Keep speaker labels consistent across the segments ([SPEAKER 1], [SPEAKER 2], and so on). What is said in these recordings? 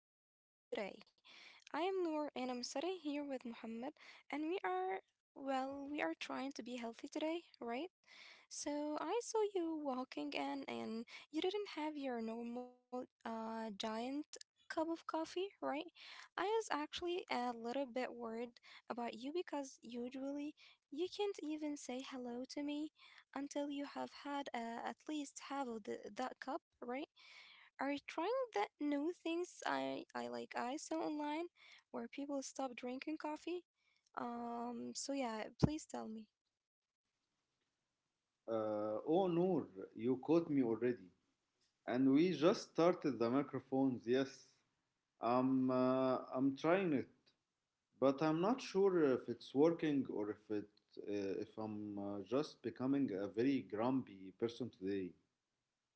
[SPEAKER 1] to the show today. I am Noor and I'm sitting here with Muhammad, and we are, well, we are trying to be healthy today, right? So I saw you walking in and you didn't have your normal giant cup of coffee, right? I was actually a little bit worried about you because usually you can't even say hello to me until you have had at least half of that cup, right? Are trying that new things I like I saw online where people stop drinking coffee. So yeah, please tell me.
[SPEAKER 2] Oh, Noor, you caught me already. And we just started the microphones, yes. I'm trying it, but I'm not sure if it's working or if I'm just becoming a very grumpy person today.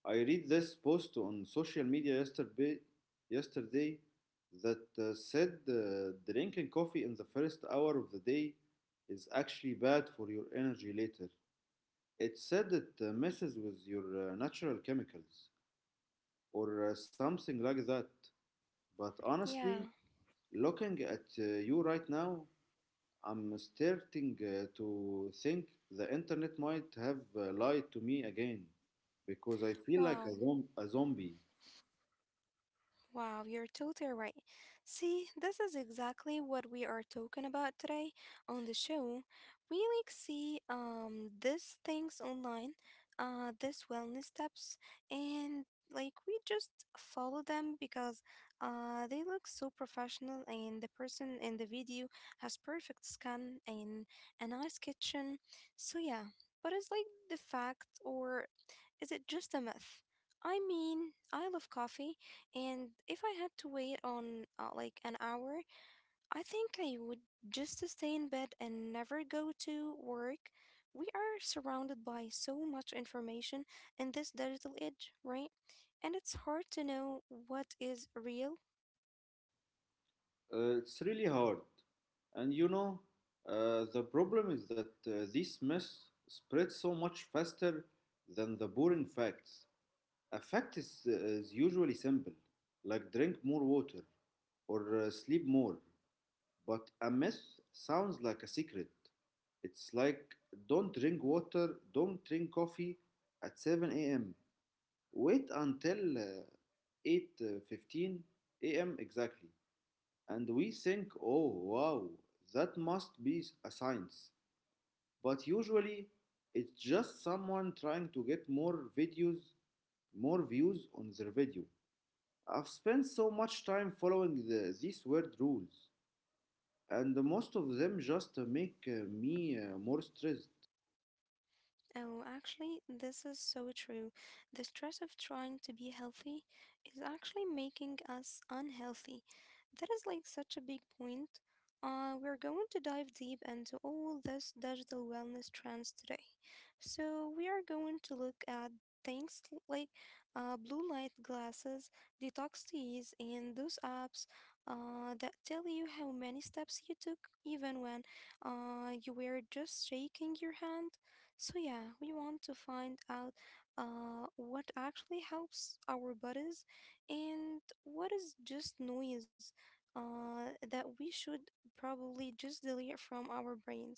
[SPEAKER 2] I read this post on social media yesterday that said drinking coffee in the first hour of the day is actually bad for your energy later. It said it messes with your natural chemicals or something like that. But
[SPEAKER 1] Yeah.
[SPEAKER 2] honestly, looking at you right now, I'm starting to think the internet might have lied to me again because I feel like a,
[SPEAKER 1] Wow.
[SPEAKER 2] zom- a zombie.
[SPEAKER 1] Wow, you're totally right. See, this is exactly what we are talking about today on the show. We like see these things online, these wellness tips, and like we just follow them because they look so professional and the person in the video has perfect skin and a nice kitchen. So yeah, but it's like the fact or is it just a myth? I mean, I love coffee and if I had to wait on like an hour, I think I would just stay in bed and never go to work. We are surrounded by so much information in this digital age, right? And it's hard to know what is real.
[SPEAKER 2] It's really hard. And you know, the problem is that this mess spreads so much faster than the boring facts. A fact is usually simple, like drink more water or sleep more. But a myth sounds like a secret. It's like don't drink water, don't drink coffee at 7 a.m. Wait until 8:15 a.m. exactly. And we think, oh, wow, that must be a science. But usually, it's just someone trying to get more videos, more views on their video. I've spent so much time following these weird rules, and most of them just make me more stressed.
[SPEAKER 1] Oh, actually, this is so true. The stress of trying to be healthy is actually making us unhealthy. That is like such a big point. We're going to dive deep into all this digital wellness trends today. So, we are going to look at things like blue light glasses, detox teas, and those apps that tell you how many steps you took, even when you were just shaking your hand. So, yeah, we want to find out what actually helps our bodies and what is just noise that we should probably just delete from our brains.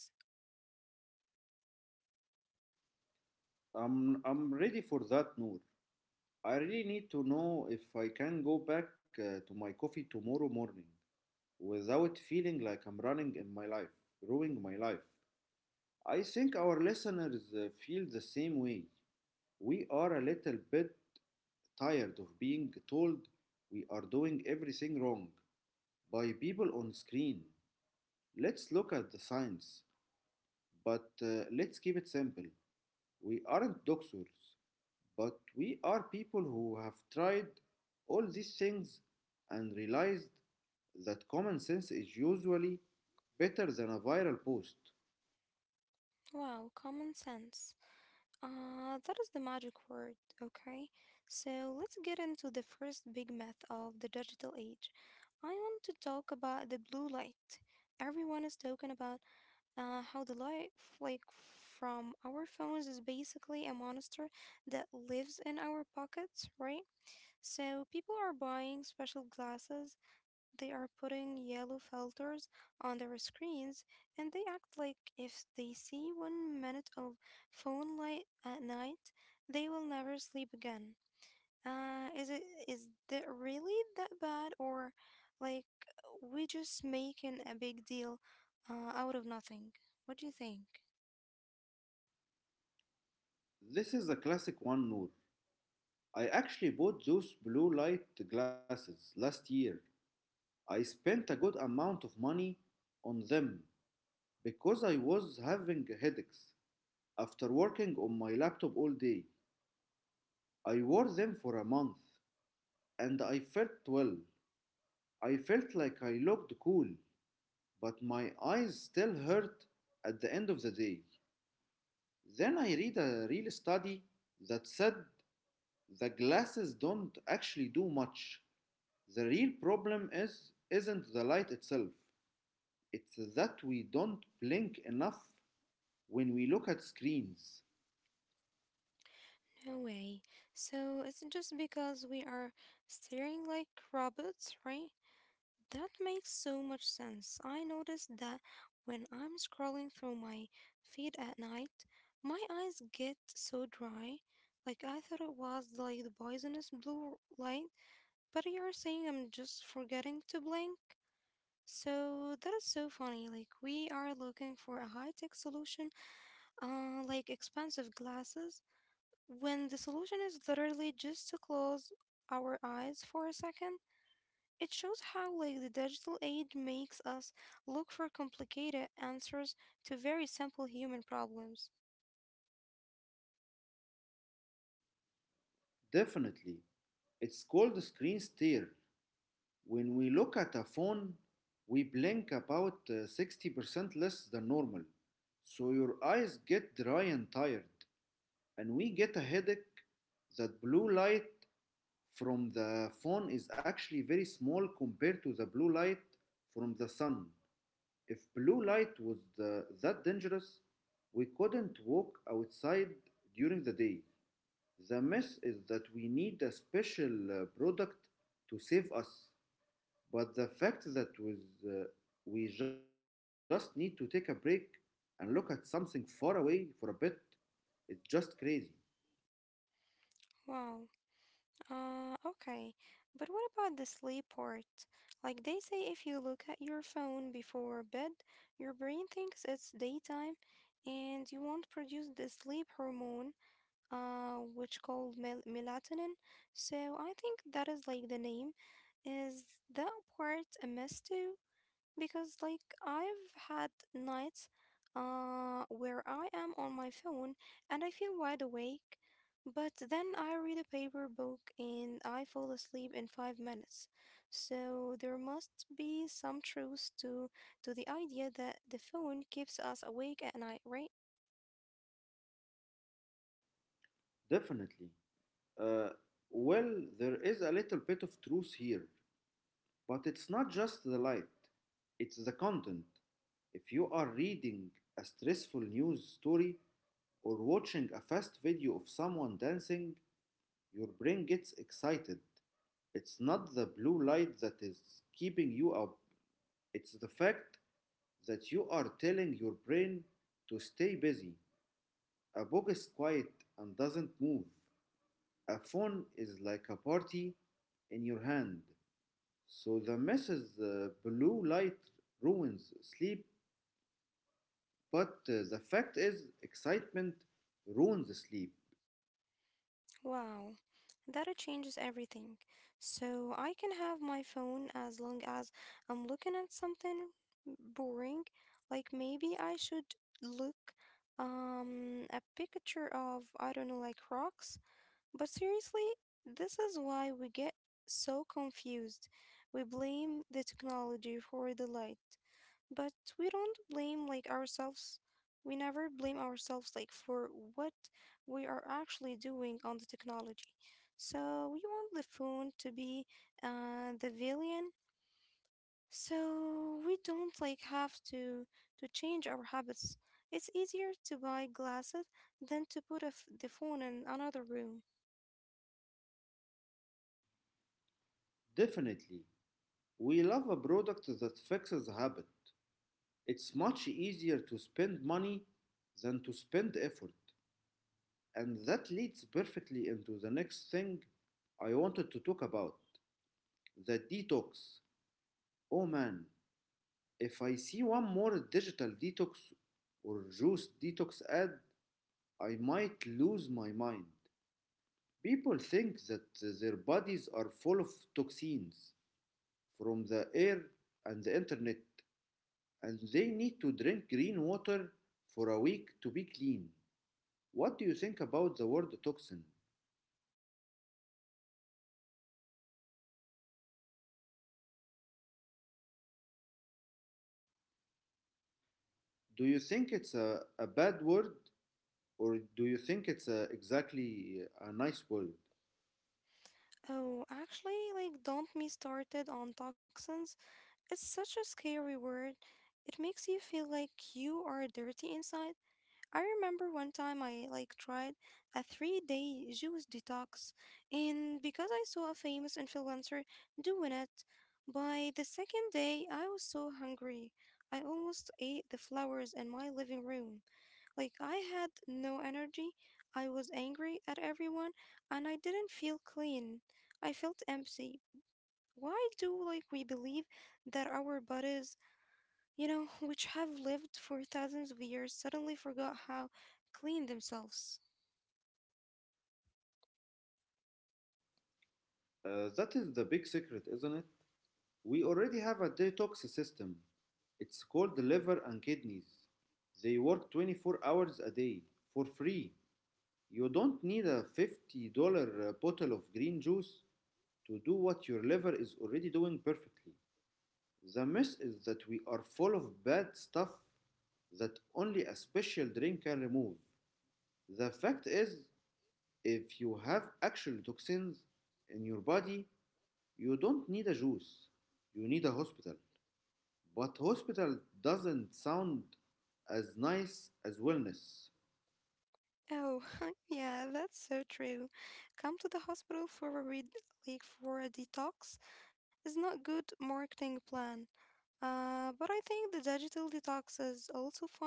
[SPEAKER 2] I'm ready for that, Noor. I really need to know if I can go back to my coffee tomorrow morning without feeling like I'm running in my life, ruining my life. I think our listeners feel the same way. We are a little bit tired of being told we are doing everything wrong by people on screen. Let's look at the science, but let's keep it simple. We aren't doctors, but we are people who have tried all these things and realized that common sense is usually better than a viral post.
[SPEAKER 1] Wow, common sense. That is the magic word, okay? So, let's get into the first big myth of the digital age. I want to talk about the blue light. Everyone is talking about. How the light like from our phones is basically a monster that lives in our pockets, right? So people are buying special glasses. They are putting yellow filters on their screens, and they act like if they see 1 minute of phone light at night, they will never sleep again. Is it is that really that bad, or like we just making a big deal out of nothing? What do you think?
[SPEAKER 2] This is a classic one, Noor. I actually bought those blue light glasses last year. I spent a good amount of money on them because I was having headaches after working on my laptop all day. I wore them for a month and I felt well. I felt like I looked cool, but my eyes still hurt at the end of the day. Then I read a real study that said the glasses don't actually do much. The real problem is isn't the light itself. It's that we don't blink enough when we look at screens.
[SPEAKER 1] No way. So it's just because we are staring like robots, right? That makes so much sense. I noticed that when I'm scrolling through my feed at night, my eyes get so dry. Like I thought it was like the poisonous blue light, but you're saying I'm just forgetting to blink? So that is so funny. Like we are looking for a high-tech solution, like expensive glasses, when the solution is literally just to close our eyes for a second. It shows how like the digital age makes us look for complicated answers to very simple human problems.
[SPEAKER 2] Definitely. It's called screen stare. When we look at a phone, we blink about 60% less than normal. So your eyes get dry and tired, and we get a headache. That blue light from the phone is actually very small compared to the blue light from the sun. If blue light was that dangerous, we couldn't walk outside during the day. The myth is that we need a special product to save us. But the fact that with, uh, we just need to take a break and look at something far away for a bit, its just crazy.
[SPEAKER 1] Wow. Okay. But what about the sleep part? Like they say if you look at your phone before bed, your brain thinks it's daytime and you won't produce the sleep hormone, which called melatonin. So I think that is like the name. Is that part a mess too? Because like I've had nights where I am on my phone and I feel wide awake, but then I read a paper book and I fall asleep in 5 minutes. So there must be some truth to the idea that the phone keeps us awake at night, right?
[SPEAKER 2] Definitely. Uh, well, there is a little bit of truth here, but it's not just the light, it's the content. If you are reading a stressful news story or watching a fast video of someone dancing, your brain gets excited. It's not the blue light that is keeping you up, it's the fact that you are telling your brain to stay busy. A book is quiet and doesn't move. A phone is like a party in your hand. So the message, the blue light ruins sleep, but the fact is, excitement ruins sleep.
[SPEAKER 1] Wow, that changes everything. So I can have my phone as long as I'm looking at something boring. Like maybe I should look a picture of I don't know like rocks, but seriously, this is why we get so confused. We blame the technology for the light, but we don't blame like ourselves. We never blame ourselves like for what we are actually doing on the technology. So we want the phone to be the villain. So we don't like have to change our habits. It's easier to buy glasses than to put the phone in another room.
[SPEAKER 2] Definitely. We love a product that fixes a habit. It's much easier to spend money than to spend effort. And that leads perfectly into the next thing I wanted to talk about, the detox. Oh man, if I see one more digital detox or juice detox ad, I might lose my mind. People think that their bodies are full of toxins from the air and the internet, and they need to drink green water for a week to be clean. What do you think about the word toxin? Do you think it's a bad word? Or do you think it's exactly a nice world?
[SPEAKER 1] Oh, actually, like, don't me started on toxins. It's such a scary word. It makes you feel like you are dirty inside. I remember one time I like tried a 3 day juice detox, and because I saw a famous influencer doing it, by the second day I was so hungry. I almost ate the flowers in my living room. Like, I had no energy, I was angry at everyone, and I didn't feel clean. I felt empty. Why do like we believe that our bodies, you know, which have lived for thousands of years, suddenly forgot how clean themselves?
[SPEAKER 2] That is the big secret, isn't it? We already have a detox system. It's called the liver and kidneys. They work 24 hours a day for free. You don't need a $50 bottle of green juice to do what your liver is already doing perfectly. The mess is that we are full of bad stuff that only a special drink can remove. The fact is, if you have actual toxins in your body, you don't need a juice. You need a hospital. But hospital doesn't sound as nice as wellness.
[SPEAKER 1] Oh, yeah, that's so true. Come to the hospital for a read, like for a detox is not good marketing plan. But I think the digital detox is also funny.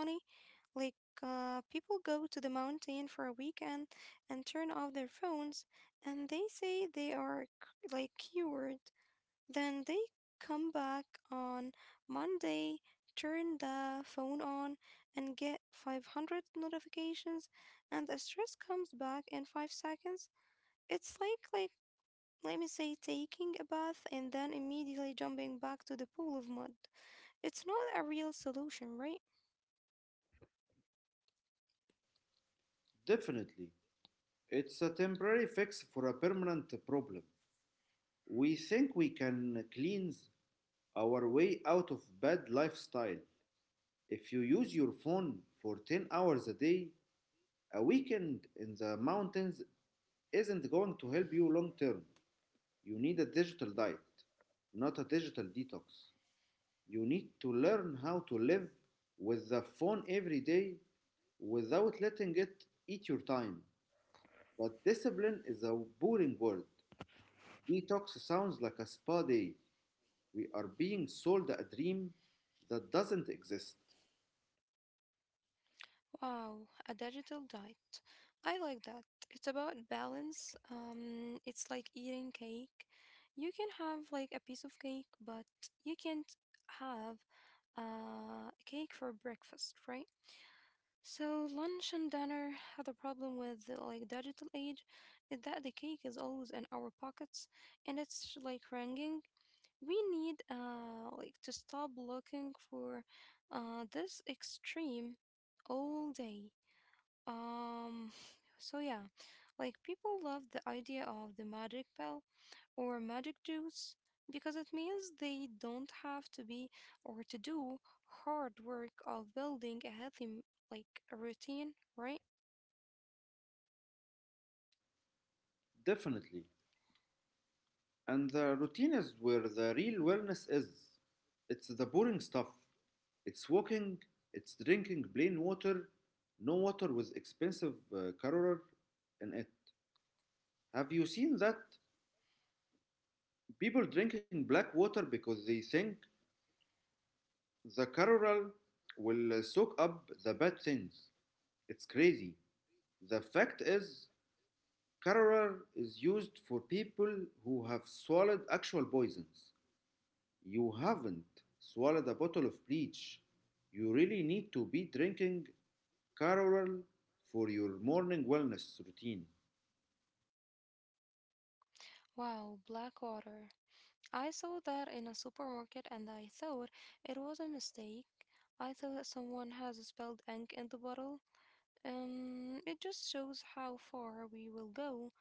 [SPEAKER 1] Like, people go to the mountain for a weekend and turn off their phones, and they say they are like cured. Then they come back on Monday, turn the phone on, and get 500 notifications, and the stress comes back in 5 seconds. It's like, let me say, taking a bath and then immediately jumping back to the pool of mud. It's not a real solution, right?
[SPEAKER 2] Definitely. It's a temporary fix for a permanent problem. We think we can cleanse our way out of bad lifestyle. If you use your phone for 10 hours a day, a weekend in the mountains isn't going to help you long term. You need a digital diet, not a digital detox. You need to learn how to live with the phone every day without letting it eat your time. But discipline is a boring word. Detox sounds like a spa day. We are being sold a dream that doesn't exist.
[SPEAKER 1] Wow, a digital diet. I like that. It's about balance. It's like eating cake. You can have like a piece of cake, but you can't have a cake for breakfast, right? So lunch and dinner had a problem with like digital age is that the cake is always in our pockets and it's like ringing. We need like to stop looking for this extreme all day. Um, so yeah, like people love the idea of the magic pill or magic juice because it means they don't have to be or to do hard work of building a healthy like a routine, right?
[SPEAKER 2] Definitely. And the routine is where the real wellness is. It's the boring stuff. It's walking, it's drinking plain water, no water with expensive colour in it. Have you seen that? People drinking black water because they think the colour will soak up the bad things. It's crazy. The fact is, colour is used for people who have swallowed actual poisons. You haven't swallowed a bottle of bleach. You really need to be drinking Carol, for your morning wellness routine.
[SPEAKER 1] Wow, black water. I saw that in a supermarket and I thought it was a mistake. I thought someone has spelled ink in the bottle. It just shows how far we will go.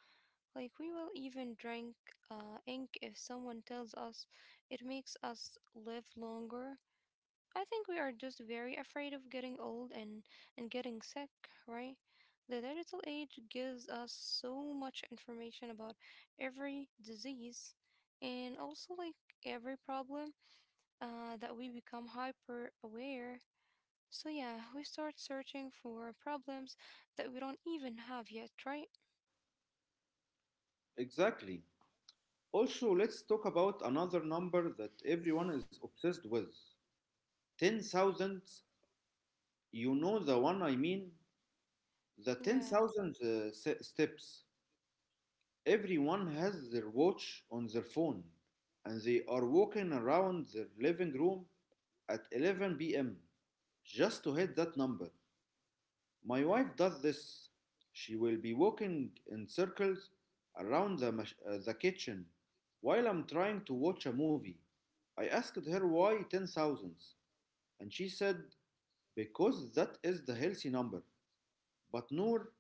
[SPEAKER 1] Like, we will even drink ink if someone tells us it makes us live longer. I think we are just very afraid of getting old and getting sick, right? The digital age gives us so much information about every disease and also like every problem that we become hyper aware. So, yeah, we start searching for problems that we don't even have yet, right?
[SPEAKER 2] Exactly. Also, let's talk about another number that everyone is obsessed with: 10,000. You know the one I mean? The
[SPEAKER 1] Yeah.
[SPEAKER 2] 10,000 steps. Everyone has their watch on their phone and they are walking around their living room at 11 p.m. just to hit that number. My wife does this. She will be walking in circles around the kitchen while I'm trying to watch a movie. I asked her why 10,000s, and she said, because that is the healthy number. But Noor,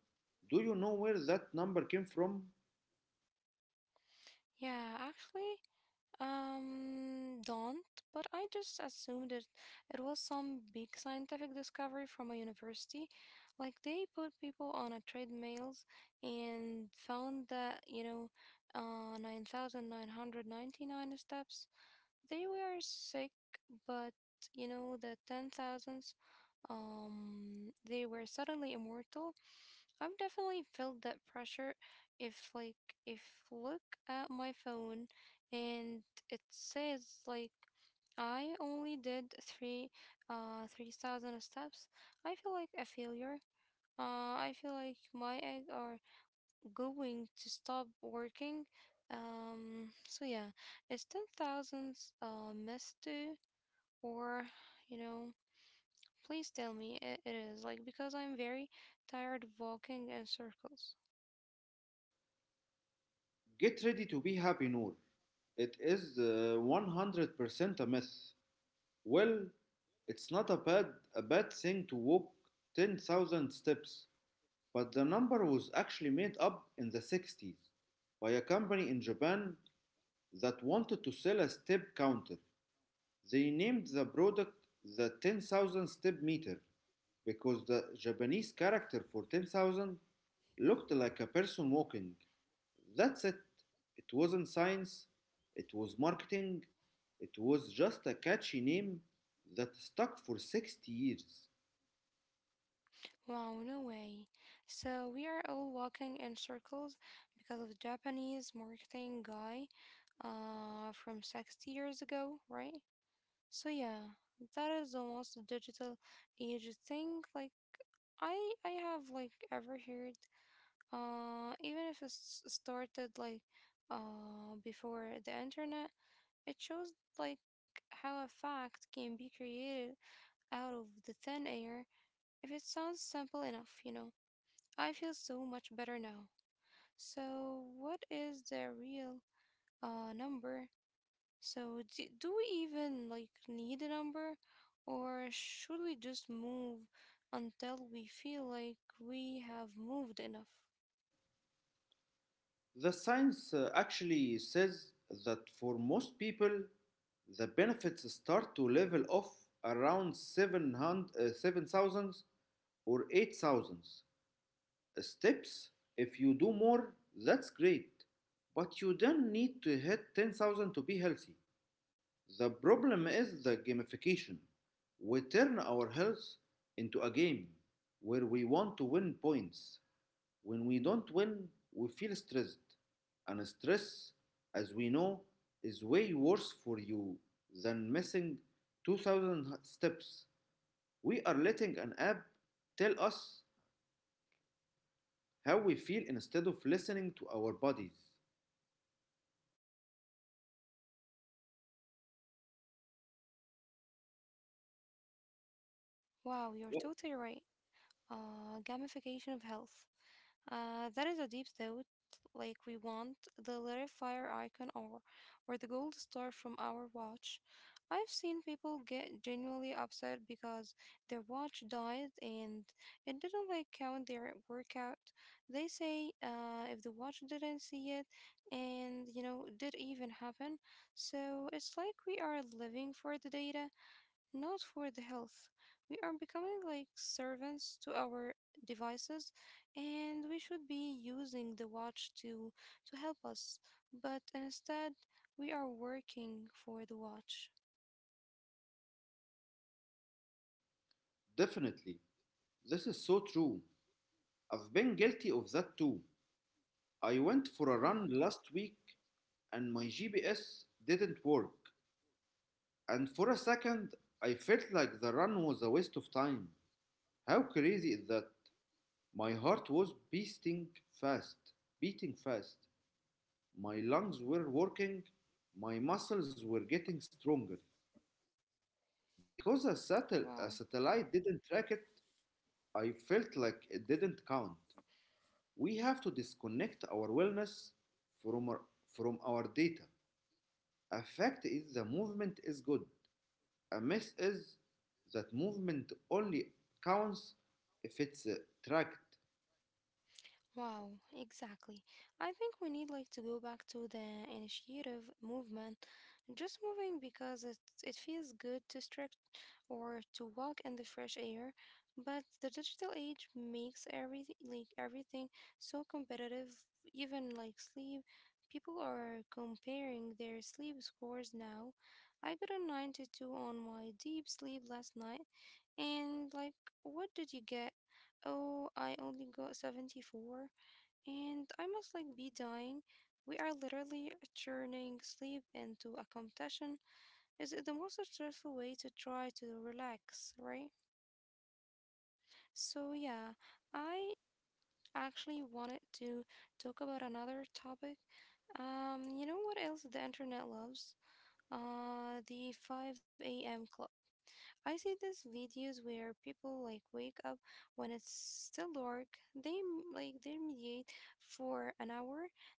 [SPEAKER 2] do you know where that number came from?
[SPEAKER 1] Yeah, actually, don't, but I just assumed it was some big scientific discovery from a university. Like they put people on a treadmills and found that, you know, 9,999 steps. They were sick, but you know, the 10,000s, they were suddenly immortal. I've definitely felt that pressure if like if look at my phone and it says like I only did 3,000 steps. I feel like a failure. I feel like my egg are going to stop working. So yeah, it's ten thousands missed too or you know, please tell me it is like because I'm very tired of walking in circles.
[SPEAKER 2] Get ready to be happy, Noor. It is 100% a myth. Well, it's not a bad thing to walk 10,000 steps, but the number was actually made up in the 60s by a company in Japan that wanted to sell a step counter. They named the product the 10,000 step meter because the Japanese character for 10,000 looked like a person walking. That's it. It wasn't science, it was marketing, it was just a catchy name that stuck for 60 years.
[SPEAKER 1] Wow, no way. So we are all walking in circles because of Japanese marketing guy from 60 years ago, right? So yeah, that is the most digital age thing like I have like ever heard. Even if it's started like before the internet, it shows like how a fact can be created out of the thin air if it sounds simple enough, you know. I feel so much better now. So, what is the real number? So, do we even like need a number or should we just move until we feel like we have moved enough?
[SPEAKER 2] The science actually says that for most people, the benefits start to level off around 7,000 or 8,000 steps. If you do more, that's great. But you don't need to hit 10,000 to be healthy. The problem is the gamification. We turn our health into a game where we want to win points. When we don't win, we feel stressed. And stress, as we know, is way worse for you than missing 2,000 steps. We are letting an app tell us how we feel instead of listening to our bodies.
[SPEAKER 1] Wow, you're
[SPEAKER 2] Yep.
[SPEAKER 1] totally right. Gamification of health. That is a deep thought. Like we want the little fire icon or the gold star from our watch. I've seen people get genuinely upset because their watch died and it didn't like count their workout. They say if the watch didn't see it and you know it did even happen. So it's like we are living for the data not for the health. We are becoming like servants to our devices, and we should be using the watch to help us. But instead, we are working for the watch.
[SPEAKER 2] Definitely. This is so true. I've been guilty of that too. I went for a
[SPEAKER 1] Oh,
[SPEAKER 2] run last week and my GPS didn't work. And for a second, I felt like the run was a waste of time. How crazy is that? My heart was fast, beating fast. My lungs were working, my muscles were getting stronger. But because a, satel-
[SPEAKER 1] wow.
[SPEAKER 2] a satellite didn't track it, I felt like it didn't count. We have to disconnect our wellness from our, from our data. A fact is the movement is good. A myth is that movement only counts if it's tracked.
[SPEAKER 1] Wow, exactly. I think we need to go back to the initiative movement, just moving because it feels good to stretch or to walk in the fresh air, but the digital age makes everything everything so competitive, even like sleep. People are comparing their sleep scores now. I got a 92 on my deep sleep last night, and what did you get? Oh, I only got 74. And I must be dying. We are literally turning sleep into a competition. Is it the most stressful way to try to relax, right? So yeah, I actually wanted to talk about another topic. What else the internet loves? The 5 a.m. club. I see these videos where people like wake up when it's still dark. They m- like they meditate for an hour.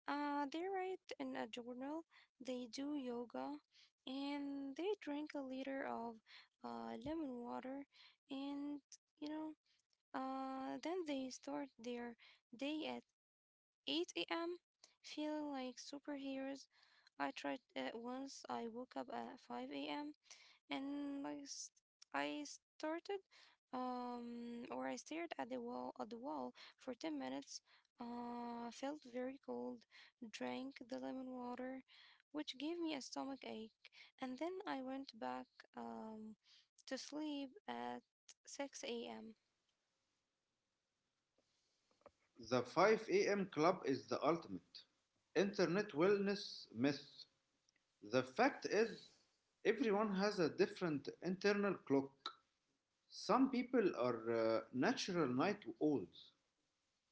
[SPEAKER 1] They write in a journal. They do yoga, and they drink a liter of lemon water. And you know, then they start their day at eight a.m. feeling like superheroes. I tried it once. I woke up at 5 a.m and I started or I stared at the wall for 10 minutes, felt very cold, drank the lemon water, which gave me a stomach ache, and then I went back um to sleep at 6 a.m.
[SPEAKER 2] The 5 a.m. club is the ultimate internet wellness myth. The fact is, everyone has a different internal clock. Some people are natural night owls,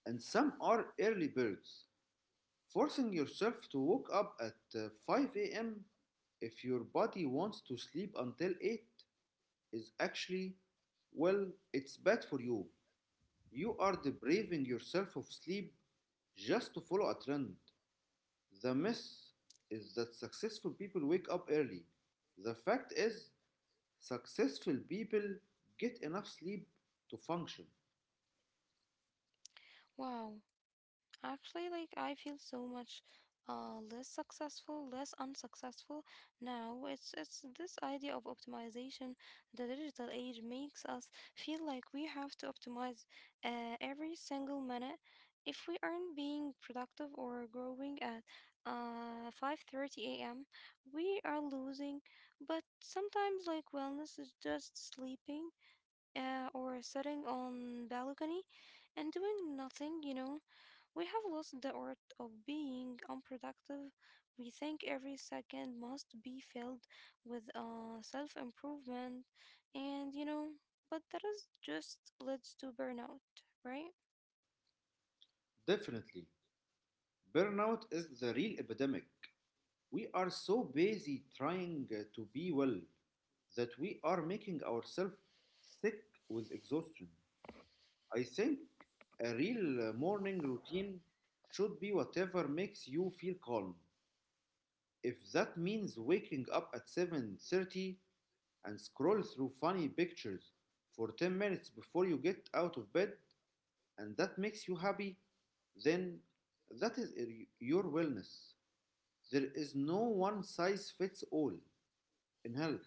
[SPEAKER 2] and some are early birds. Forcing yourself to wake up at 5 a.m. if your body wants to sleep until 8 is actually, well, it's bad for you. You are depriving yourself of sleep just to follow a trend. The myth is that successful people wake up early. The fact is, successful people get enough sleep to function.
[SPEAKER 1] Wow. Actually, like I feel so much less unsuccessful now. It's this idea of optimization. The digital age makes us feel like we have to optimize every single minute. If we aren't being productive or growing at 5:30 a.m., we are losing. But sometimes like wellness is just sleeping, or sitting on balcony and doing nothing. You know, we have lost the art of being unproductive. We think every second must be filled with self improvement, and but that is just leads to burnout, right?
[SPEAKER 2] Definitely, burnout is the real epidemic. We are so busy trying to be well that we are making ourselves sick with exhaustion. I think a real morning routine should be whatever makes you feel calm. If that means waking up at 7:30 and scroll through funny pictures for 10 minutes before you get out of bed and that makes you happy, then that is your wellness. There is no one size fits all in health,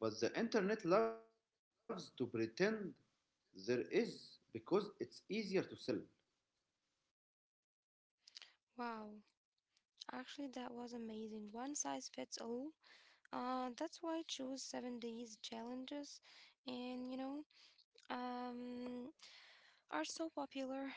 [SPEAKER 2] but the internet loves to pretend there is because it's easier to sell.
[SPEAKER 1] Wow, actually, that was amazing. One size fits all. That's why I chose 7 days challenges, and um, are so popular.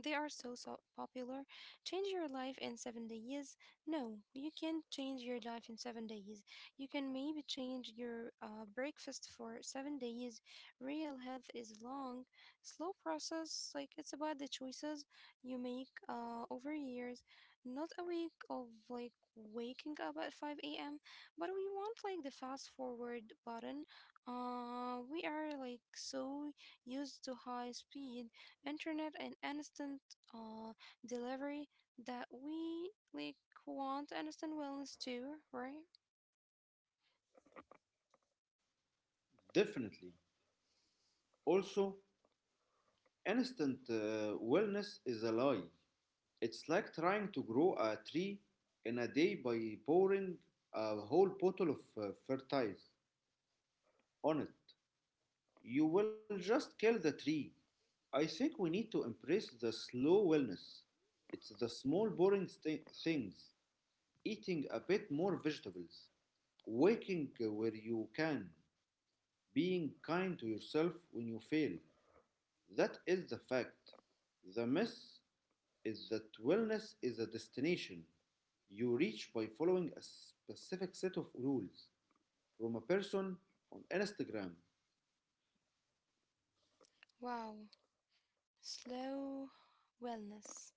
[SPEAKER 1] They are so, so popular. Change your life in 7 days. No, you can't change your life in 7 days. You can maybe change your breakfast for 7 days. Real health is long, slow process. Like it's about the choices you make over years, not a week of like waking up at 5 a.m. But we want like the fast forward button. We are like so used to high speed internet and instant uh, delivery that we like want instant wellness too, right?
[SPEAKER 2] Definitely. Also, instant wellness is a lie. It's like trying to grow a tree in a day by pouring a whole bottle of fertilizer on it. You will just kill the tree. I think we need to embrace the slow wellness. It's the small boring things, eating a bit more vegetables, waking where you can, being kind to yourself when you fail. That is the fact. The mess is that wellness is a destination you reach by following a specific set of rules from a person on Instagram.
[SPEAKER 1] Wow, slow wellness.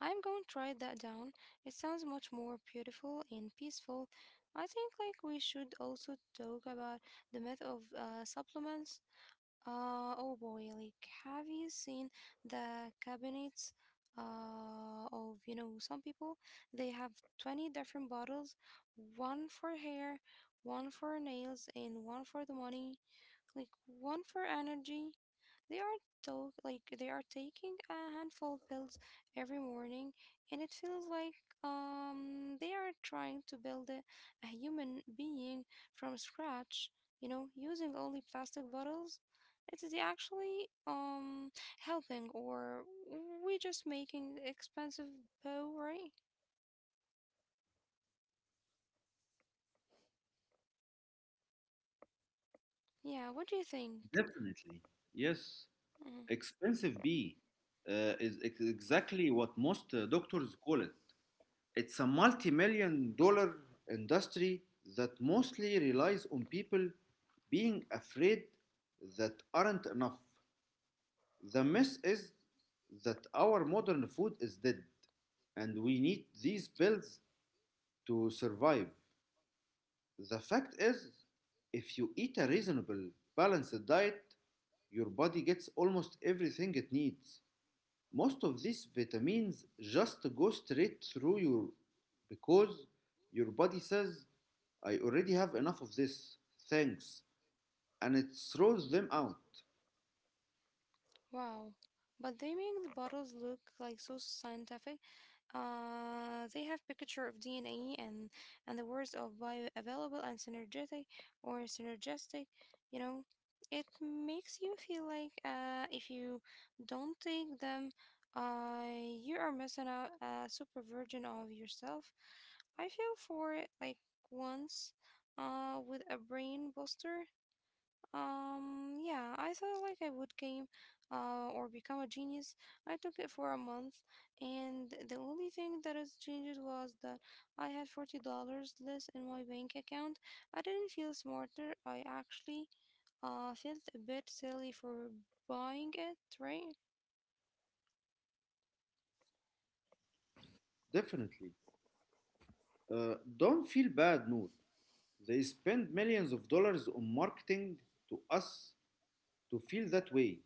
[SPEAKER 1] I'm going to write that down. It sounds much more beautiful and peaceful. I think we should also talk about the myth of supplements. Oh boy, like have you seen the cabinets of some people? They have 20 different bottles, one for hair, one for nails, and one for the money, like one for energy. They are they are taking a handful of pills every morning, and it feels like they are trying to build a human being from scratch. You know, using only plastic bottles. It is actually helping, or we just making expensive bow, right? Yeah. What do you think?
[SPEAKER 2] Definitely. Yes.
[SPEAKER 1] Mm.
[SPEAKER 2] Expensive B uh, is exactly what most doctors call it. It's a multi million-dollar industry that mostly relies on people being afraid that aren't enough. The myth is that our modern food is dead and we need these pills to survive. The fact is, if you eat a reasonable, balanced diet, your body gets almost everything it needs. Most of these vitamins just go straight through you because your body says, I already have enough of this, thanks, and it throws them out,
[SPEAKER 1] Wow. But they make the bottles look like so scientific. They have picture of DNA and the words of bioavailable and synergetic or synergistic. You know, it makes you feel like if you don't take them, uh, you are missing out a super version of yourself. I feel for it like once, with a brain booster. Yeah, I thought like I would game, or become a genius. I took it for a month, and the only thing that has changed was that I had $40 less in my bank account. I didn't feel smarter. I actually felt a bit silly for buying it, right?
[SPEAKER 2] definitely. Don't feel bad, Noor. They spend millions of dollars on marketing to us to feel that way.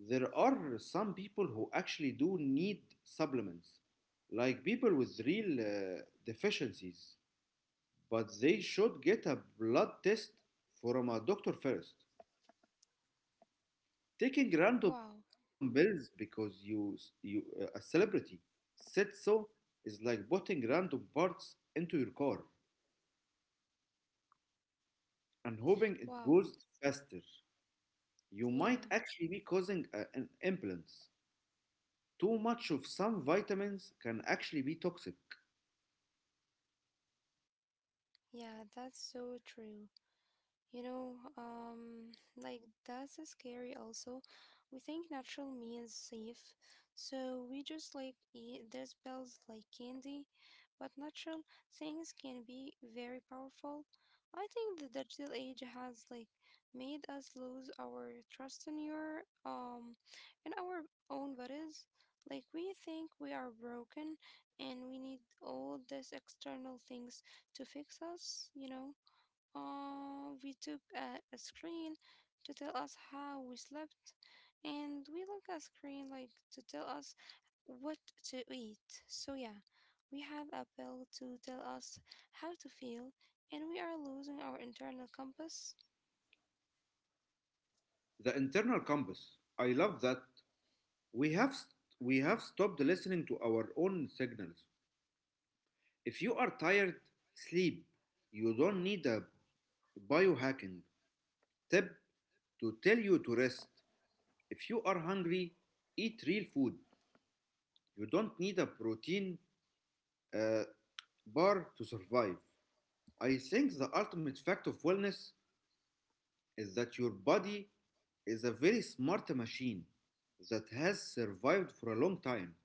[SPEAKER 2] There are some people who actually do need supplements, like people with real deficiencies, but they should get a blood test from a doctor first. Taking random
[SPEAKER 1] Wow.
[SPEAKER 2] pills because you a celebrity said so is like putting random parts into your car and hoping it
[SPEAKER 1] Wow.
[SPEAKER 2] goes faster. You
[SPEAKER 1] Yeah,
[SPEAKER 2] might actually be causing an imbalance. Too much of some vitamins can actually be toxic.
[SPEAKER 1] yeah, that's so true. You know, um, like that's a scary also. We think natural means safe, so we just like eat these pills like candy, but natural things can be very powerful. I think the digital age has like made us lose our trust in your in our own bodies. Like we think we are broken and we need all these external things to fix us, you know? We took a screen to tell us how we slept, and we look at screen like to tell us what to eat. So yeah, we have a pill to tell us how to feel, and we are losing our internal compass.
[SPEAKER 2] The internal compass. I love that. We have st- we have stopped listening to our own signals. If you are tired, sleep. You don't need a biohacking tip to tell you to rest. If you are hungry, eat real food. You don't need a protein uh, bar to survive. I think the ultimate fact of wellness is that your body is a very smart machine that has survived for a long time.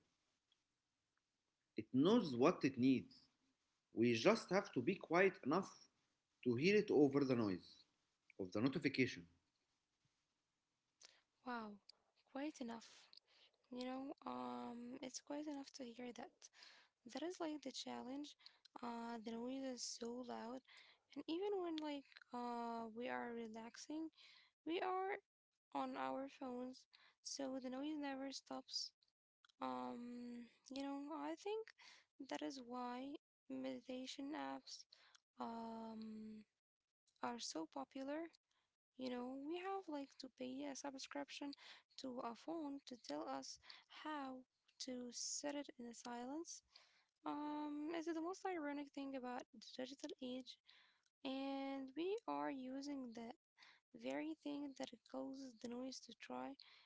[SPEAKER 2] It knows what it needs. We just have to be quiet enough to hear it over the noise of the notification.
[SPEAKER 1] Wow, quite enough. It's quite enough to hear that. That is like the challenge. The noise is so loud, and even when we are relaxing, we are on our phones, so the noise never stops. Um, I think that is why meditation apps um are so popular. You know, we have like to pay a subscription to a phone to tell us how to set it in a silence. It's the most ironic thing about the digital age, and we are using the very thing that it causes the noise to try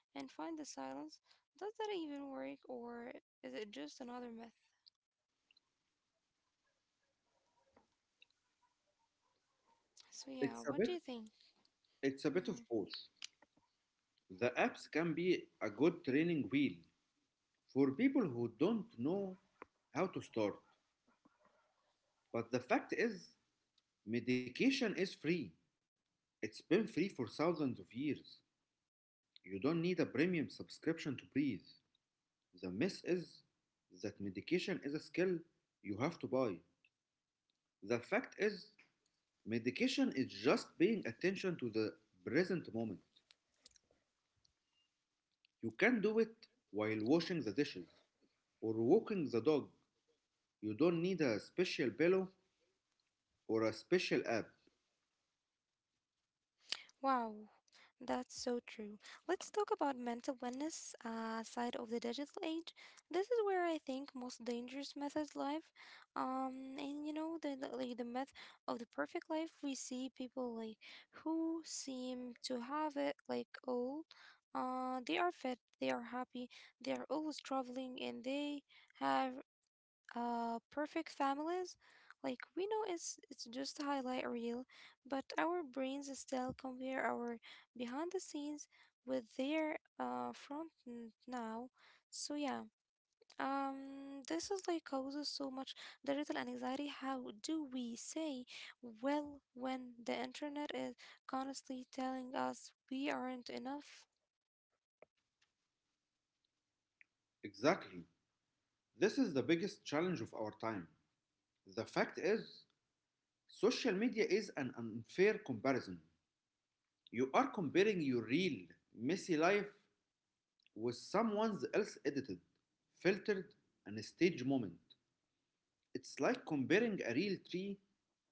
[SPEAKER 1] and find the silence. Does that even work, or is it just another myth? So, yeah,
[SPEAKER 2] It's a
[SPEAKER 1] what
[SPEAKER 2] bit
[SPEAKER 1] do you think?
[SPEAKER 2] it's a bit of
[SPEAKER 1] Mhm.
[SPEAKER 2] both. The apps can be a good training wheel for people who don't know how to start. But the fact is medication is free. It's been free for thousands of years. You don't need a premium subscription to breathe. The myth is that medication is a skill you have to buy. The fact is, medication is just paying attention to the present moment. You can do it while washing the dishes or walking the dog. You don't need a special pillow or a special app.
[SPEAKER 1] Wow, that's so true. Let's talk about mental wellness side of the digital age. This is where I think most dangerous methods live. And you know the myth of the perfect life. We see people who seem to have it like all. They are fit, they are happy, they are always traveling, and they have perfect families. Like we know it's just a highlight reel, but our brains still compare our behind the scenes with their now. So yeah, this is like causes so much digital anxiety. How do we say well when the internet is constantly telling us we aren't enough?
[SPEAKER 2] Exactly. This is the biggest challenge of our time. The fact is, social media is an unfair comparison. You are comparing your real, messy life was someone else edited, filtered, and staged moment. It's like comparing a real tree,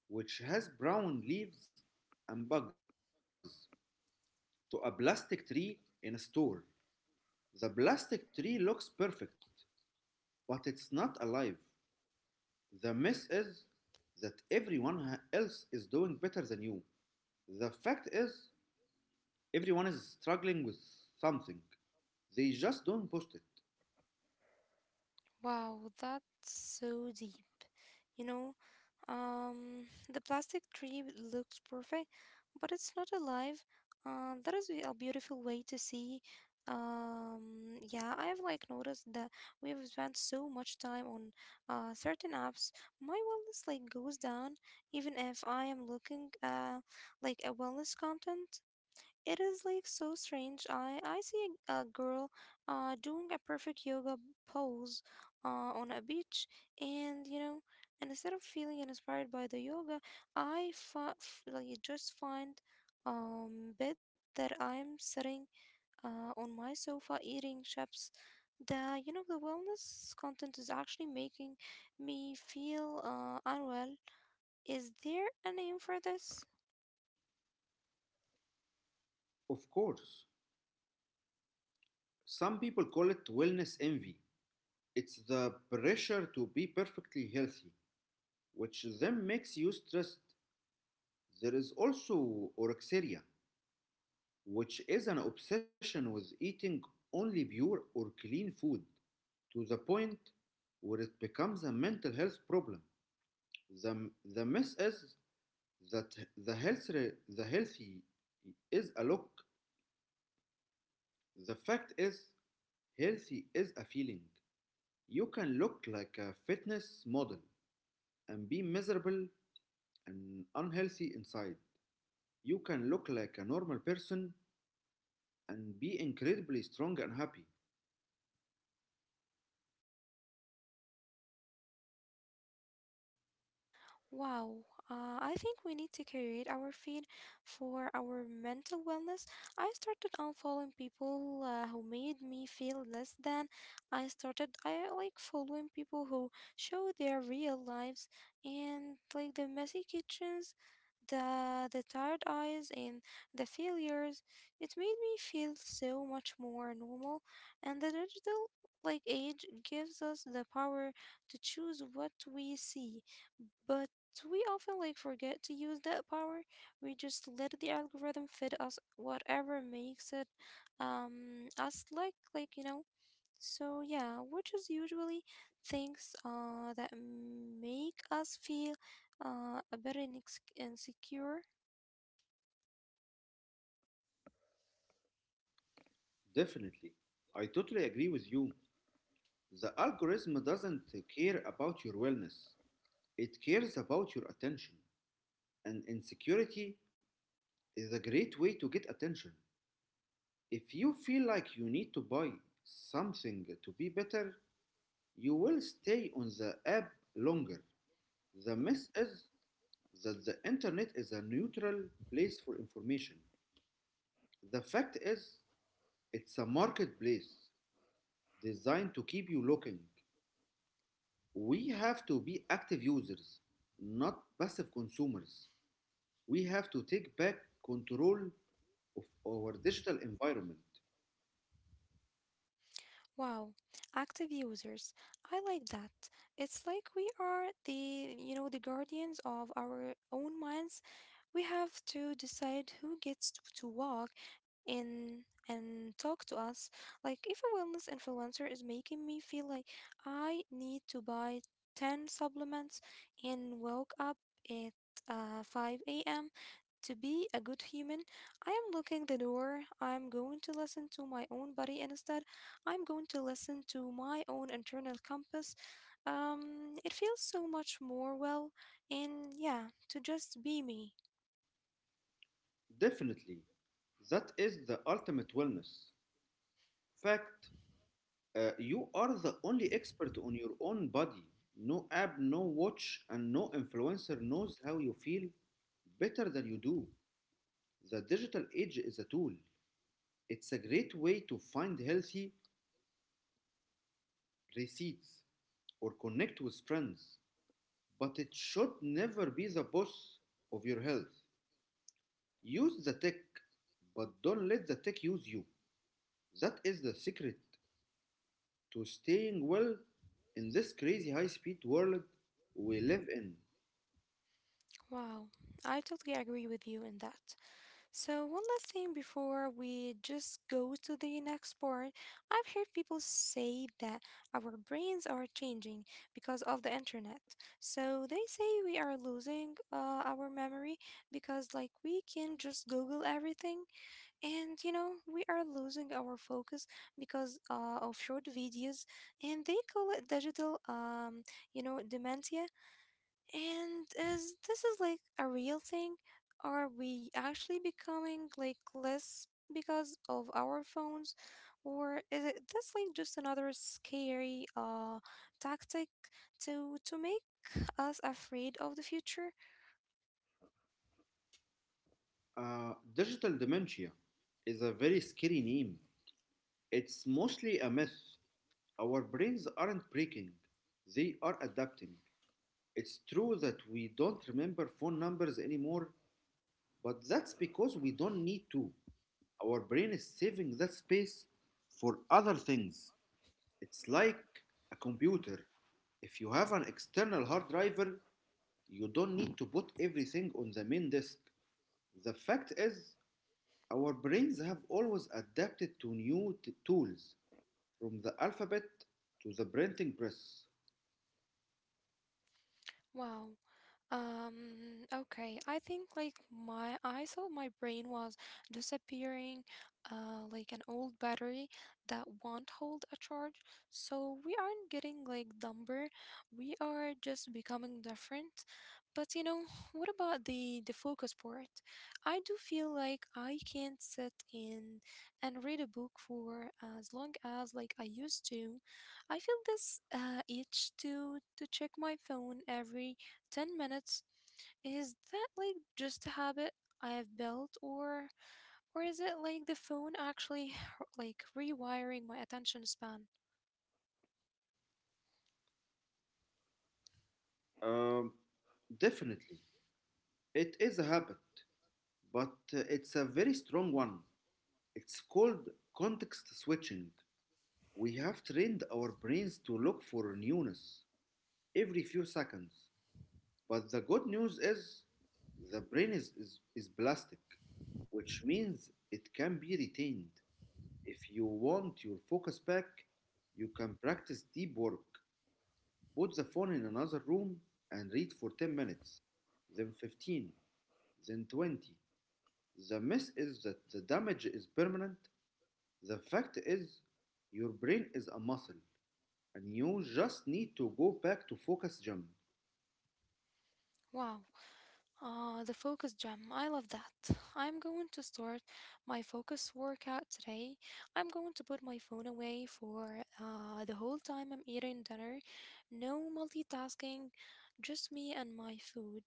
[SPEAKER 2] which has brown leaves and bugs, to a plastic tree in a store. The plastic tree looks perfect, but it's not alive. The mess is that everyone else is doing better than you. The fact is, everyone is struggling with something. They just don't post it.
[SPEAKER 1] Wow, that's so deep. You know, um, the plastic tree looks perfect, but it's not alive. That is a beautiful way to see. Yeah, I have like noticed that we have spent so much time on certain apps. My wellness like goes down even if I am looking like a wellness content. It is like so strange. I see a girl doing a perfect yoga pose on a beach, and you know, and instead of feeling inspired by the yoga, I just find bit that I'm sitting on my sofa eating chips. The you know the wellness content is actually making me feel unwell. Is there a name for this?
[SPEAKER 2] Of course, some people call it wellness envy. It's the pressure to be perfectly healthy, which then makes you stressed. There is also orexia, which is an obsession with eating only pure or clean food to the point where it becomes a mental health problem. The mess is that the healthy is a look. The fact is, healthy is a feeling. You can look like a fitness model and be miserable an unhealthy inside. You can look like a normal person and be incredibly strong and happy.
[SPEAKER 1] Wow, I think we need to curate our feed for our mental wellness. I started unfollowing people who made me feel less than. I like following people who show their real lives and like the messy kitchens, the tired eyes and the failures. It made me feel so much more normal, and the digital age gives us the power to choose what we see. But we often like forget to use that power. We just let the algorithm feed us whatever makes it us like you know. So yeah, which is usually things that make us feel a bit insecure.
[SPEAKER 2] Definitely. I totally agree with you. The algorithm doesn't care about your wellness, it cares about your attention. And insecurity is a great way to get attention. If you feel like you need to buy something to be better, you will stay on the app longer. The mess is that the internet is a neutral place for information. The fact is, it's a marketplace designed to keep you looking. We have to be active users, not passive consumers. We have to take back control of our digital environment.
[SPEAKER 1] Wow, active users. I like that. It's like we are the, the guardians of our own minds. We have to decide who gets to walk in and talk to us. Like, if a wellness influencer is making me feel like I need to buy 10 supplements and woke up at 5 a.m. to be a good human, I am locking the door. I'm going to listen to my own body instead. I'm going to listen to my own internal compass. It feels so much more well, and yeah, to just be me.
[SPEAKER 2] Definitely. That is the ultimate wellness. Fact, you are the only expert on your own body. No app, no watch, and no influencer knows how you feel better than you do. The digital age is a tool. It's a great way to find healthy receipts or connect with friends, but it should never be the boss of your health. Use the tech, but don't let the tech use you. That is the secret to staying well in this crazy high speed world we live in.
[SPEAKER 1] Wow, I totally agree with you in that. So, one last thing before we just go to the next part. I've heard people say that our brains are changing because of the internet. So, they say we are losing our memory because, like, we can just Google everything. And, you know, we are losing our focus because of short videos. And they call it digital, dementia. And is this is like a real thing? Are we actually becoming like less because of our phones, or is it this like just another scary tactic to make us afraid of the future?
[SPEAKER 2] Digital dementia is a very scary name. It's mostly a myth. Our brains aren't breaking, they are adapting. It's true that we don't remember phone numbers anymore, but that's because we don't need to. Our brain is saving that space for other things. It's like a computer. If you have an external hard drive, you don't need to put everything on the main disk. The fact is, our brains have always adapted to new tools, from the alphabet to the printing press.
[SPEAKER 1] Wow. Okay, I think like my I thought my brain was disappearing, like an old battery that won't hold a charge. So we aren't getting like dumber, we are just becoming different. But you know, what about the focus part? I do feel like I can't sit in and read a book for as long as like I used to. I feel this itch to check my phone every 10 minutes. Is that like just a habit I have built or is it like the phone actually like rewiring my attention span?
[SPEAKER 2] Um, Definitely, it is a habit, but it's a very strong one. It's called context switching. We have trained our brains to look for newness every few seconds. But the good news is the brain is plastic, which means it can be retained. If you want your focus back, you can practice deep work. Put the phone in another room and read for 10 minutes, then 15, then 20. The mess is that the damage is permanent. The fact is, your brain is a muscle, and you just need to go back to focus gym.
[SPEAKER 1] Wow. The focus gem. I love that. I'm going to start my focus workout today. I'm going to put my phone away for the whole time I'm eating dinner. No multitasking, just me and my food.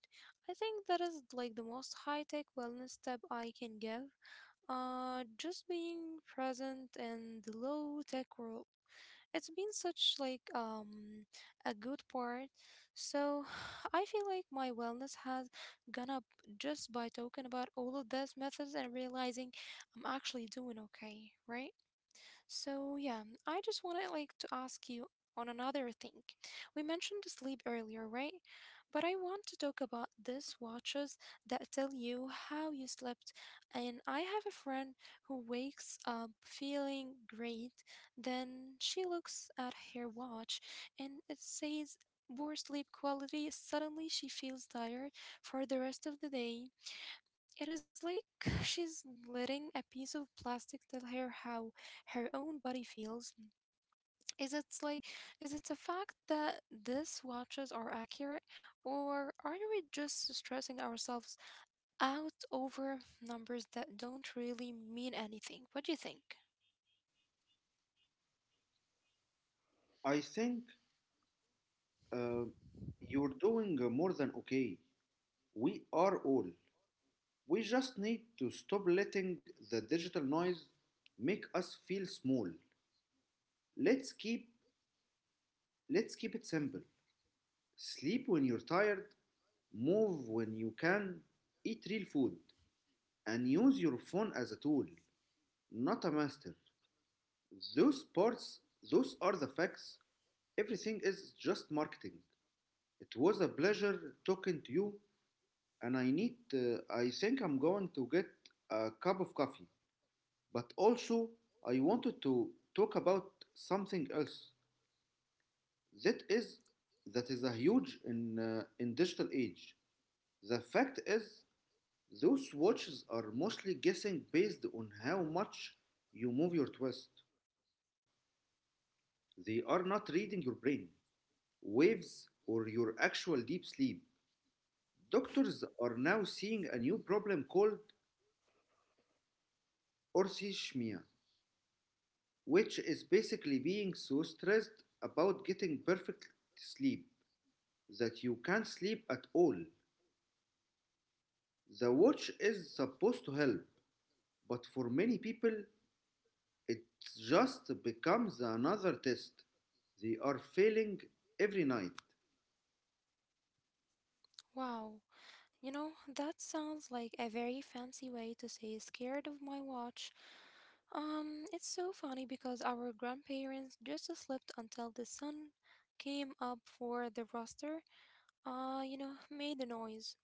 [SPEAKER 1] I think that is like the most high tech wellness tip I can give. Just being present in the low tech world. It's been such like a good part. So I feel like my wellness has gone up just by talking about all of those methods and realizing I'm actually doing okay, right? So yeah, I just wanna like to ask you on another thing. We mentioned sleep earlier, right? But I want to talk about these watches that tell you how you slept. And I have a friend who wakes up feeling great, then she looks at her watch and it says poor sleep quality. Suddenly she feels tired for the rest of the day. It is like she's letting a piece of plastic tell her how her own body feels. Is it like is it a fact that these watches are accurate, or are we just stressing ourselves out over numbers that don't really mean anything? What do you think?
[SPEAKER 2] I think uh, you're doing more than okay. We are all. We just need to stop letting the digital noise make us feel small. Let's keep let's keep it simple. Sleep when you're tired, move when you can, eat real food, and use your phone as a tool, not a master. Those parts, those are the facts. Everything is just marketing. It was a pleasure talking to you, and I think I'm going to get a cup of coffee. But also, I wanted to talk about something else. That is, that is a huge in digital age. The fact is, those watches are mostly guessing based on how much you move your twist. They are not reading your brain waves, or your actual deep sleep. Doctors are now seeing a new problem called orthishmia, which is basically being so stressed about getting perfect sleep that you can't sleep at all. The watch is supposed to help, but for many people, it just becomes another test. They are failing every night,
[SPEAKER 1] Wow. You know, that sounds like a very fancy way to say scared of my watch. It's so funny because our grandparents just slept until the sun came up for the rooster, you know, made a noise.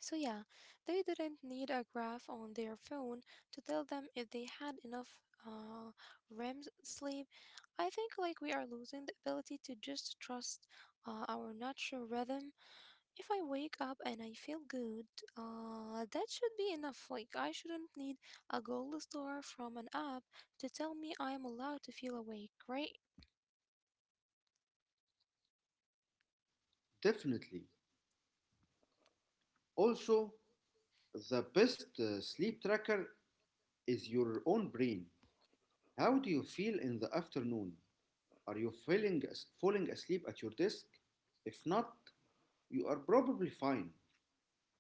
[SPEAKER 1] So yeah, they didn't need a graph on their phone to tell them if they had enough uh REM sleep. I think like we are losing the ability to just trust, our natural rhythm. If I wake up and I feel good, that should be enough. Like, I shouldn't need a gold star from an app to tell me I am allowed to feel awake, right?
[SPEAKER 2] definitely. Also, the best sleep tracker is your own brain. How do you feel in the afternoon? Are you feeling falling asleep at your desk? If not, you are probably fine.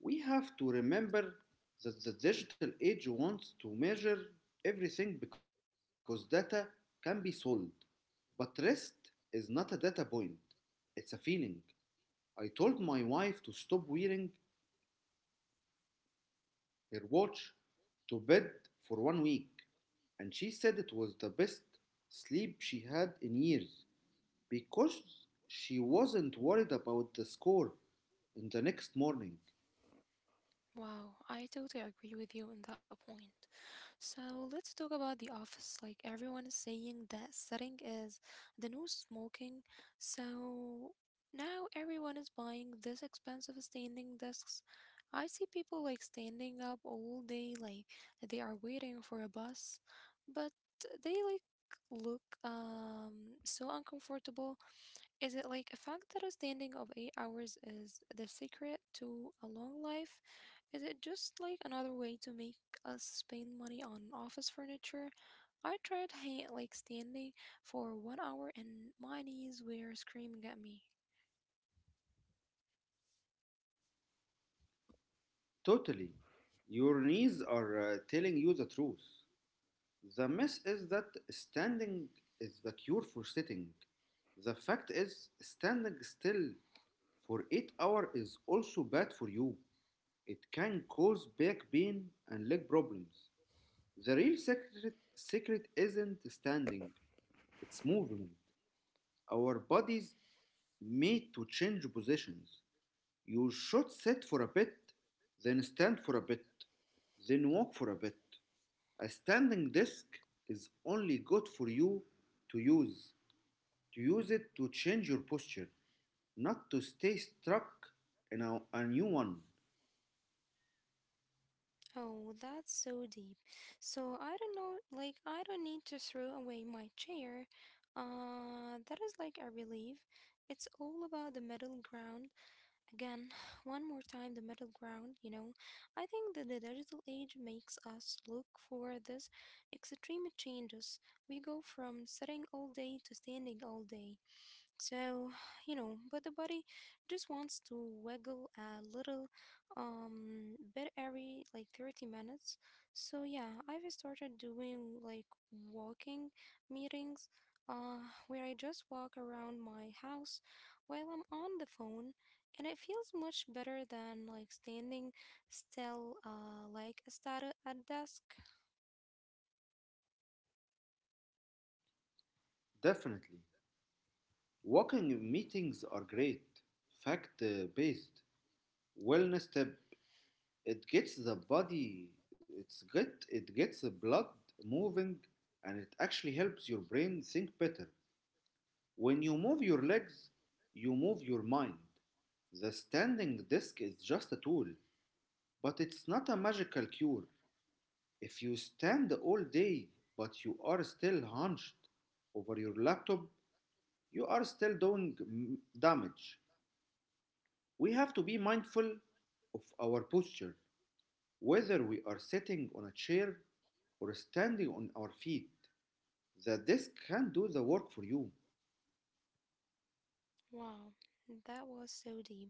[SPEAKER 2] We have to remember that the digital age wants to measure everything because data can be sold. But rest is not a data point, it's a feeling. I told my wife to stop wearing her watch to bed for 1 week, and she said it was the best sleep she had in years, because she wasn't worried about the score in the next morning.
[SPEAKER 1] Wow, I totally agree with you on that point. So let's talk about the office. Like everyone is saying that setting is the new smoking. So now everyone is buying this expensive standing desks. I see people like standing up all day, like they are waiting for a bus, but they like look so uncomfortable. Is it like a fact that a standing of 8 hours is the secret to a long life? Is it just like another way to make us spend money on office furniture? I tried like standing for 1 hour and my knees were screaming at me.
[SPEAKER 2] Totally. Your knees are telling you the truth. The mess is that standing is the cure for sitting. The fact is, standing still for 8 hours is also bad for you. It can cause back pain and leg problems. Secret isn't standing, it's movement. Our bodies made to change positions. You should sit for a bit, then stand for a bit, then walk for a bit. A standing desk is only good for you to use. To use it to change your posture, not to stay stuck in a new one.
[SPEAKER 1] Oh, that's so deep. So I don't know, like, I don't need to throw away my chair. That is like a relief. It's all about the middle ground. Again, one more time, the middle ground, you know. I think that the digital age makes us look for this extreme changes. We go from sitting all day to standing all day. So, you know, but the body just wants to wiggle a little bit every like 30 minutes. So, yeah, I've started doing like walking meetings where I just walk around my house while I'm on the phone, and it feels much better than like standing still like a stat at a desk.
[SPEAKER 2] Definitely. Walking meetings are great. Fact based. Wellness tip. It gets the body, it gets the blood moving and it actually helps your brain think better. When you move your legs, you move your mind. The standing desk is just a tool, but it's not a magical cure. If you stand all day, but you are still hunched over your laptop, you are still doing damage. We have to be mindful of our posture, whether we are sitting on a chair or standing on our feet. The desk can do the work for you.
[SPEAKER 1] Wow, that was so deep.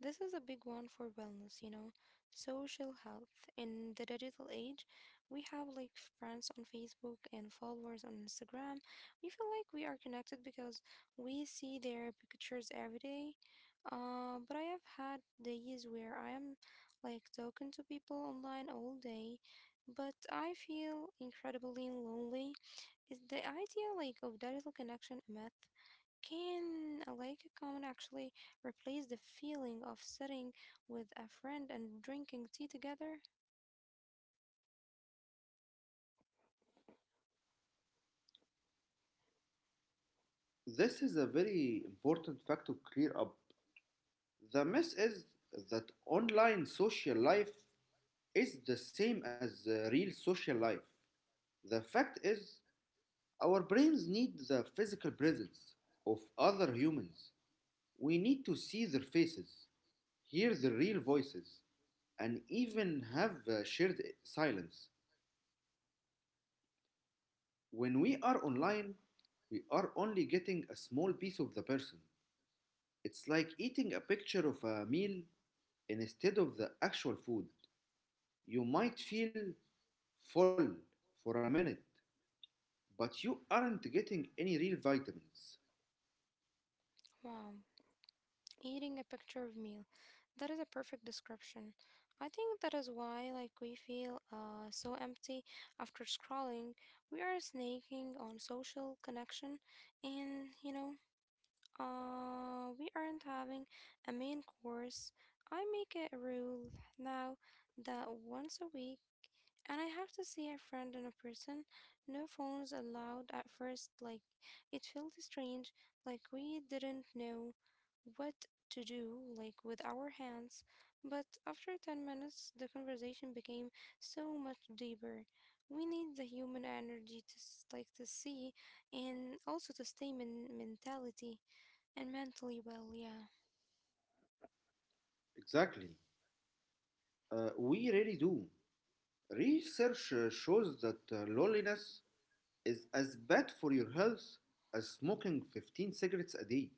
[SPEAKER 1] This is a big one for wellness, you know, social health. In the digital age, we have like friends on Facebook and followers on Instagram. We feel like we are connected because we see their pictures every day. But I have had days where I am like talking to people online all day, but I feel incredibly lonely. Is the idea like of digital connection a myth? Can like a comment actually replace the feeling of sitting with a friend and drinking tea together?
[SPEAKER 2] This is a very important fact to clear up. The myth is that online social life is the same as the real social life. The fact is, our brains need the physical presence of other humans. We need to see their faces, hear their real voices, and even have a shared silence. When we are
[SPEAKER 1] W-
[SPEAKER 2] online, we are only getting a small piece of the person. It's like eating a picture of a meal instead of the actual food. You might feel full for a minute, but you aren't getting any real vitamins.
[SPEAKER 1] Wow, eating a picture of meal. That is a perfect description. I think that is why like we feel so empty after scrolling. We are snaking on social connection and you know, we aren't having a main course. I make it a rule now that once a week And I have to see a friend in a person. No phones allowed at first. Like, it felt strange. Like, we didn't know what to do, like, with our hands. But after 10 minutes, the conversation became so much deeper. We need the human energy to, like, to see and also to stay mentality and mentally well. Yeah.
[SPEAKER 2] Exactly. We really do. Research shows that loneliness is as bad for your health as smoking 15 cigarettes a day.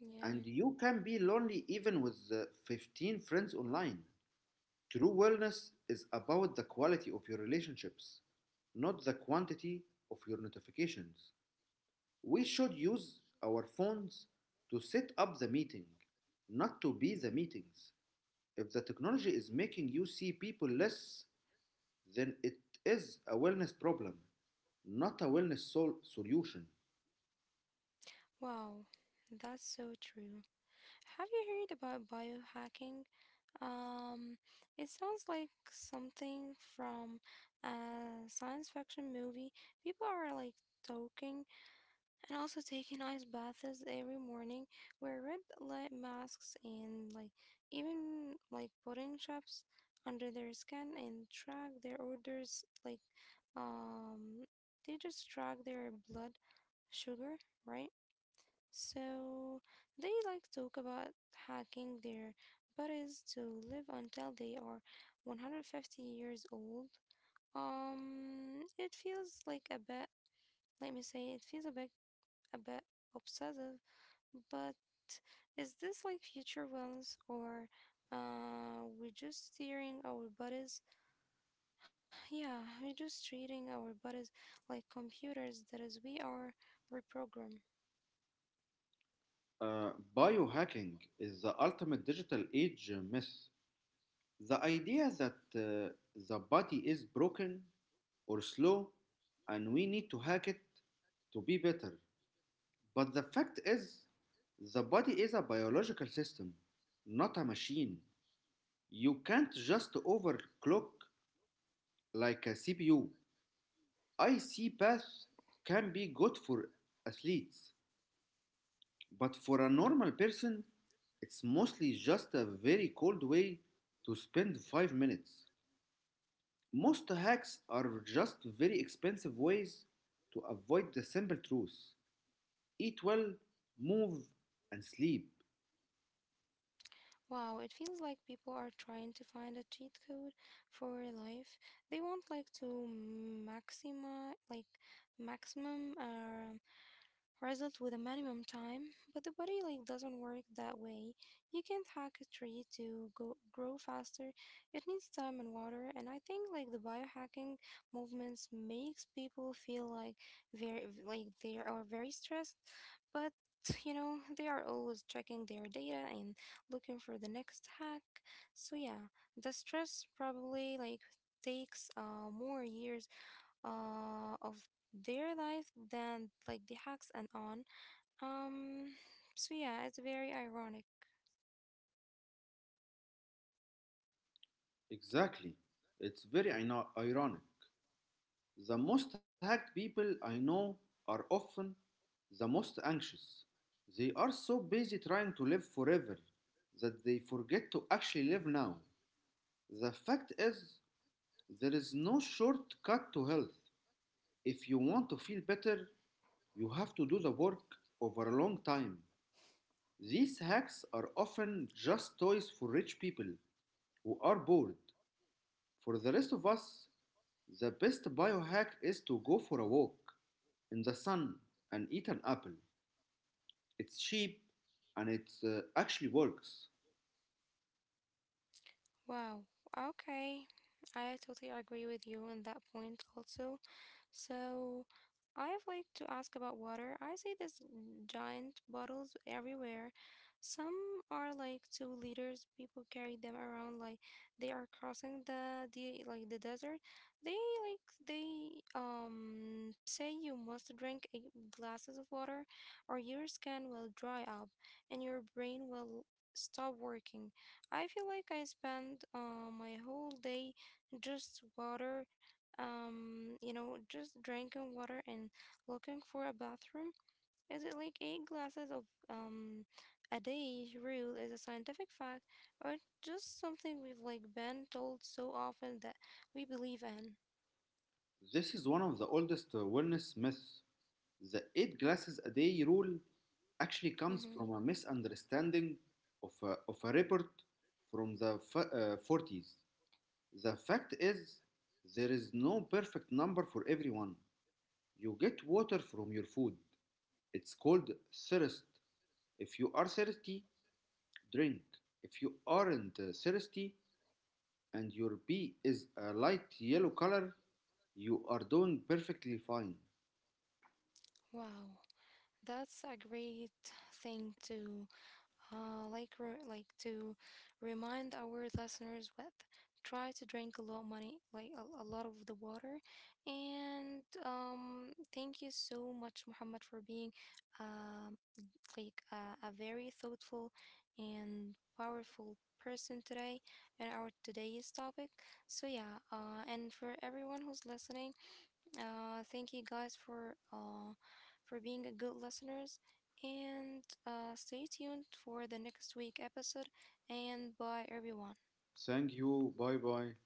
[SPEAKER 1] Yeah.
[SPEAKER 2] And you can be lonely even with 15 friends online. True wellness is about the quality of your relationships, not the quantity of your notifications. We should use our phones to set up the meeting, not to be the meetings. If the technology is making you see people less, then it is a wellness problem, not a wellness solution.
[SPEAKER 1] Wow. That's so true. Have you heard about biohacking? Um, it sounds like something from a science fiction movie. People are like talking and also taking ice baths every morning, wear red light masks, and like even like putting shops under their skin and track their orders. Like, um, they just track their blood sugar, right? So they like talk about hacking their bodies to live until they are 150 years old. It feels like let me say, it feels a bit obsessive, but is this like future wellness, or we're just steering our bodies? Yeah, we're just treating our bodies like computers that is we are reprogrammed.
[SPEAKER 2] Uh, Biohacking is the ultimate digital age myth. The idea that the body is broken or slow and we need to hack it to be better. But the fact is, the body is a biological system, not a machine. You can't just overclock like a CPU. IC path can be good for athletes, but for a normal person, it's mostly just a very cold way to spend 5 minutes. Most hacks are just very expensive ways to avoid the simple truth: eat well, move, and sleep.
[SPEAKER 1] Wow, it feels like people are trying to find a cheat code for life. They want like to maxima like maximum result with a minimum time, but the body like doesn't work that way. You can't hack a tree to go grow faster. It needs time and water, and I think like the biohacking movements makes people feel like very like they are very stressed, but you know they are always checking their data and looking for the next hack. So yeah, the stress probably like takes more years of their life than like the hacks and on. Um, so yeah, it's very ironic.
[SPEAKER 2] Exactly. It's very ironic. The most hacked people I know are often the most anxious. They are so busy trying to live forever that they forget to actually live now. The fact is, there is no shortcut to health. If you want to feel better, you have to do the work over a long time. These hacks are often just toys for rich people who are bored. For the rest of us, the best biohack is to go for a walk in the sun and eat an apple. It's cheap and it actually works.
[SPEAKER 1] Wow. Okay. I totally agree with you on that point also. So I would like to ask about water. I see these giant bottles everywhere. Some are like 2 liters. People carry them around like they are crossing the like the desert. They they say you must drink eight glasses of water or your skin will dry up and your brain will stop working. I feel like I spend my whole day just water, you know, just drinking water and looking for a bathroom. Is it like eight glasses of um, a day rule is a scientific fact, or just something we've like been told so often that we believe in?
[SPEAKER 2] This is one of the oldest wellness myths. The 8 glasses a day rule actually comes
[SPEAKER 1] Hmm.
[SPEAKER 2] from a misunderstanding of of a report from the '40s. The fact is, there is no perfect number for everyone. You get water from your food. It's called thirst. If you are thirsty, drink. If you aren't thirsty and your pee is a light yellow color, you are doing perfectly fine.
[SPEAKER 1] Wow, that's a great thing to like to remind our listeners with. Try to drink a lot money like a lot of the water, and thank you so much Muhammad for being um a very thoughtful and powerful person today in our today's topic. So yeah, and for everyone who's listening, thank you guys for being a good listeners, and stay tuned for the next week episode. And bye, everyone.
[SPEAKER 2] Thank you. Bye bye.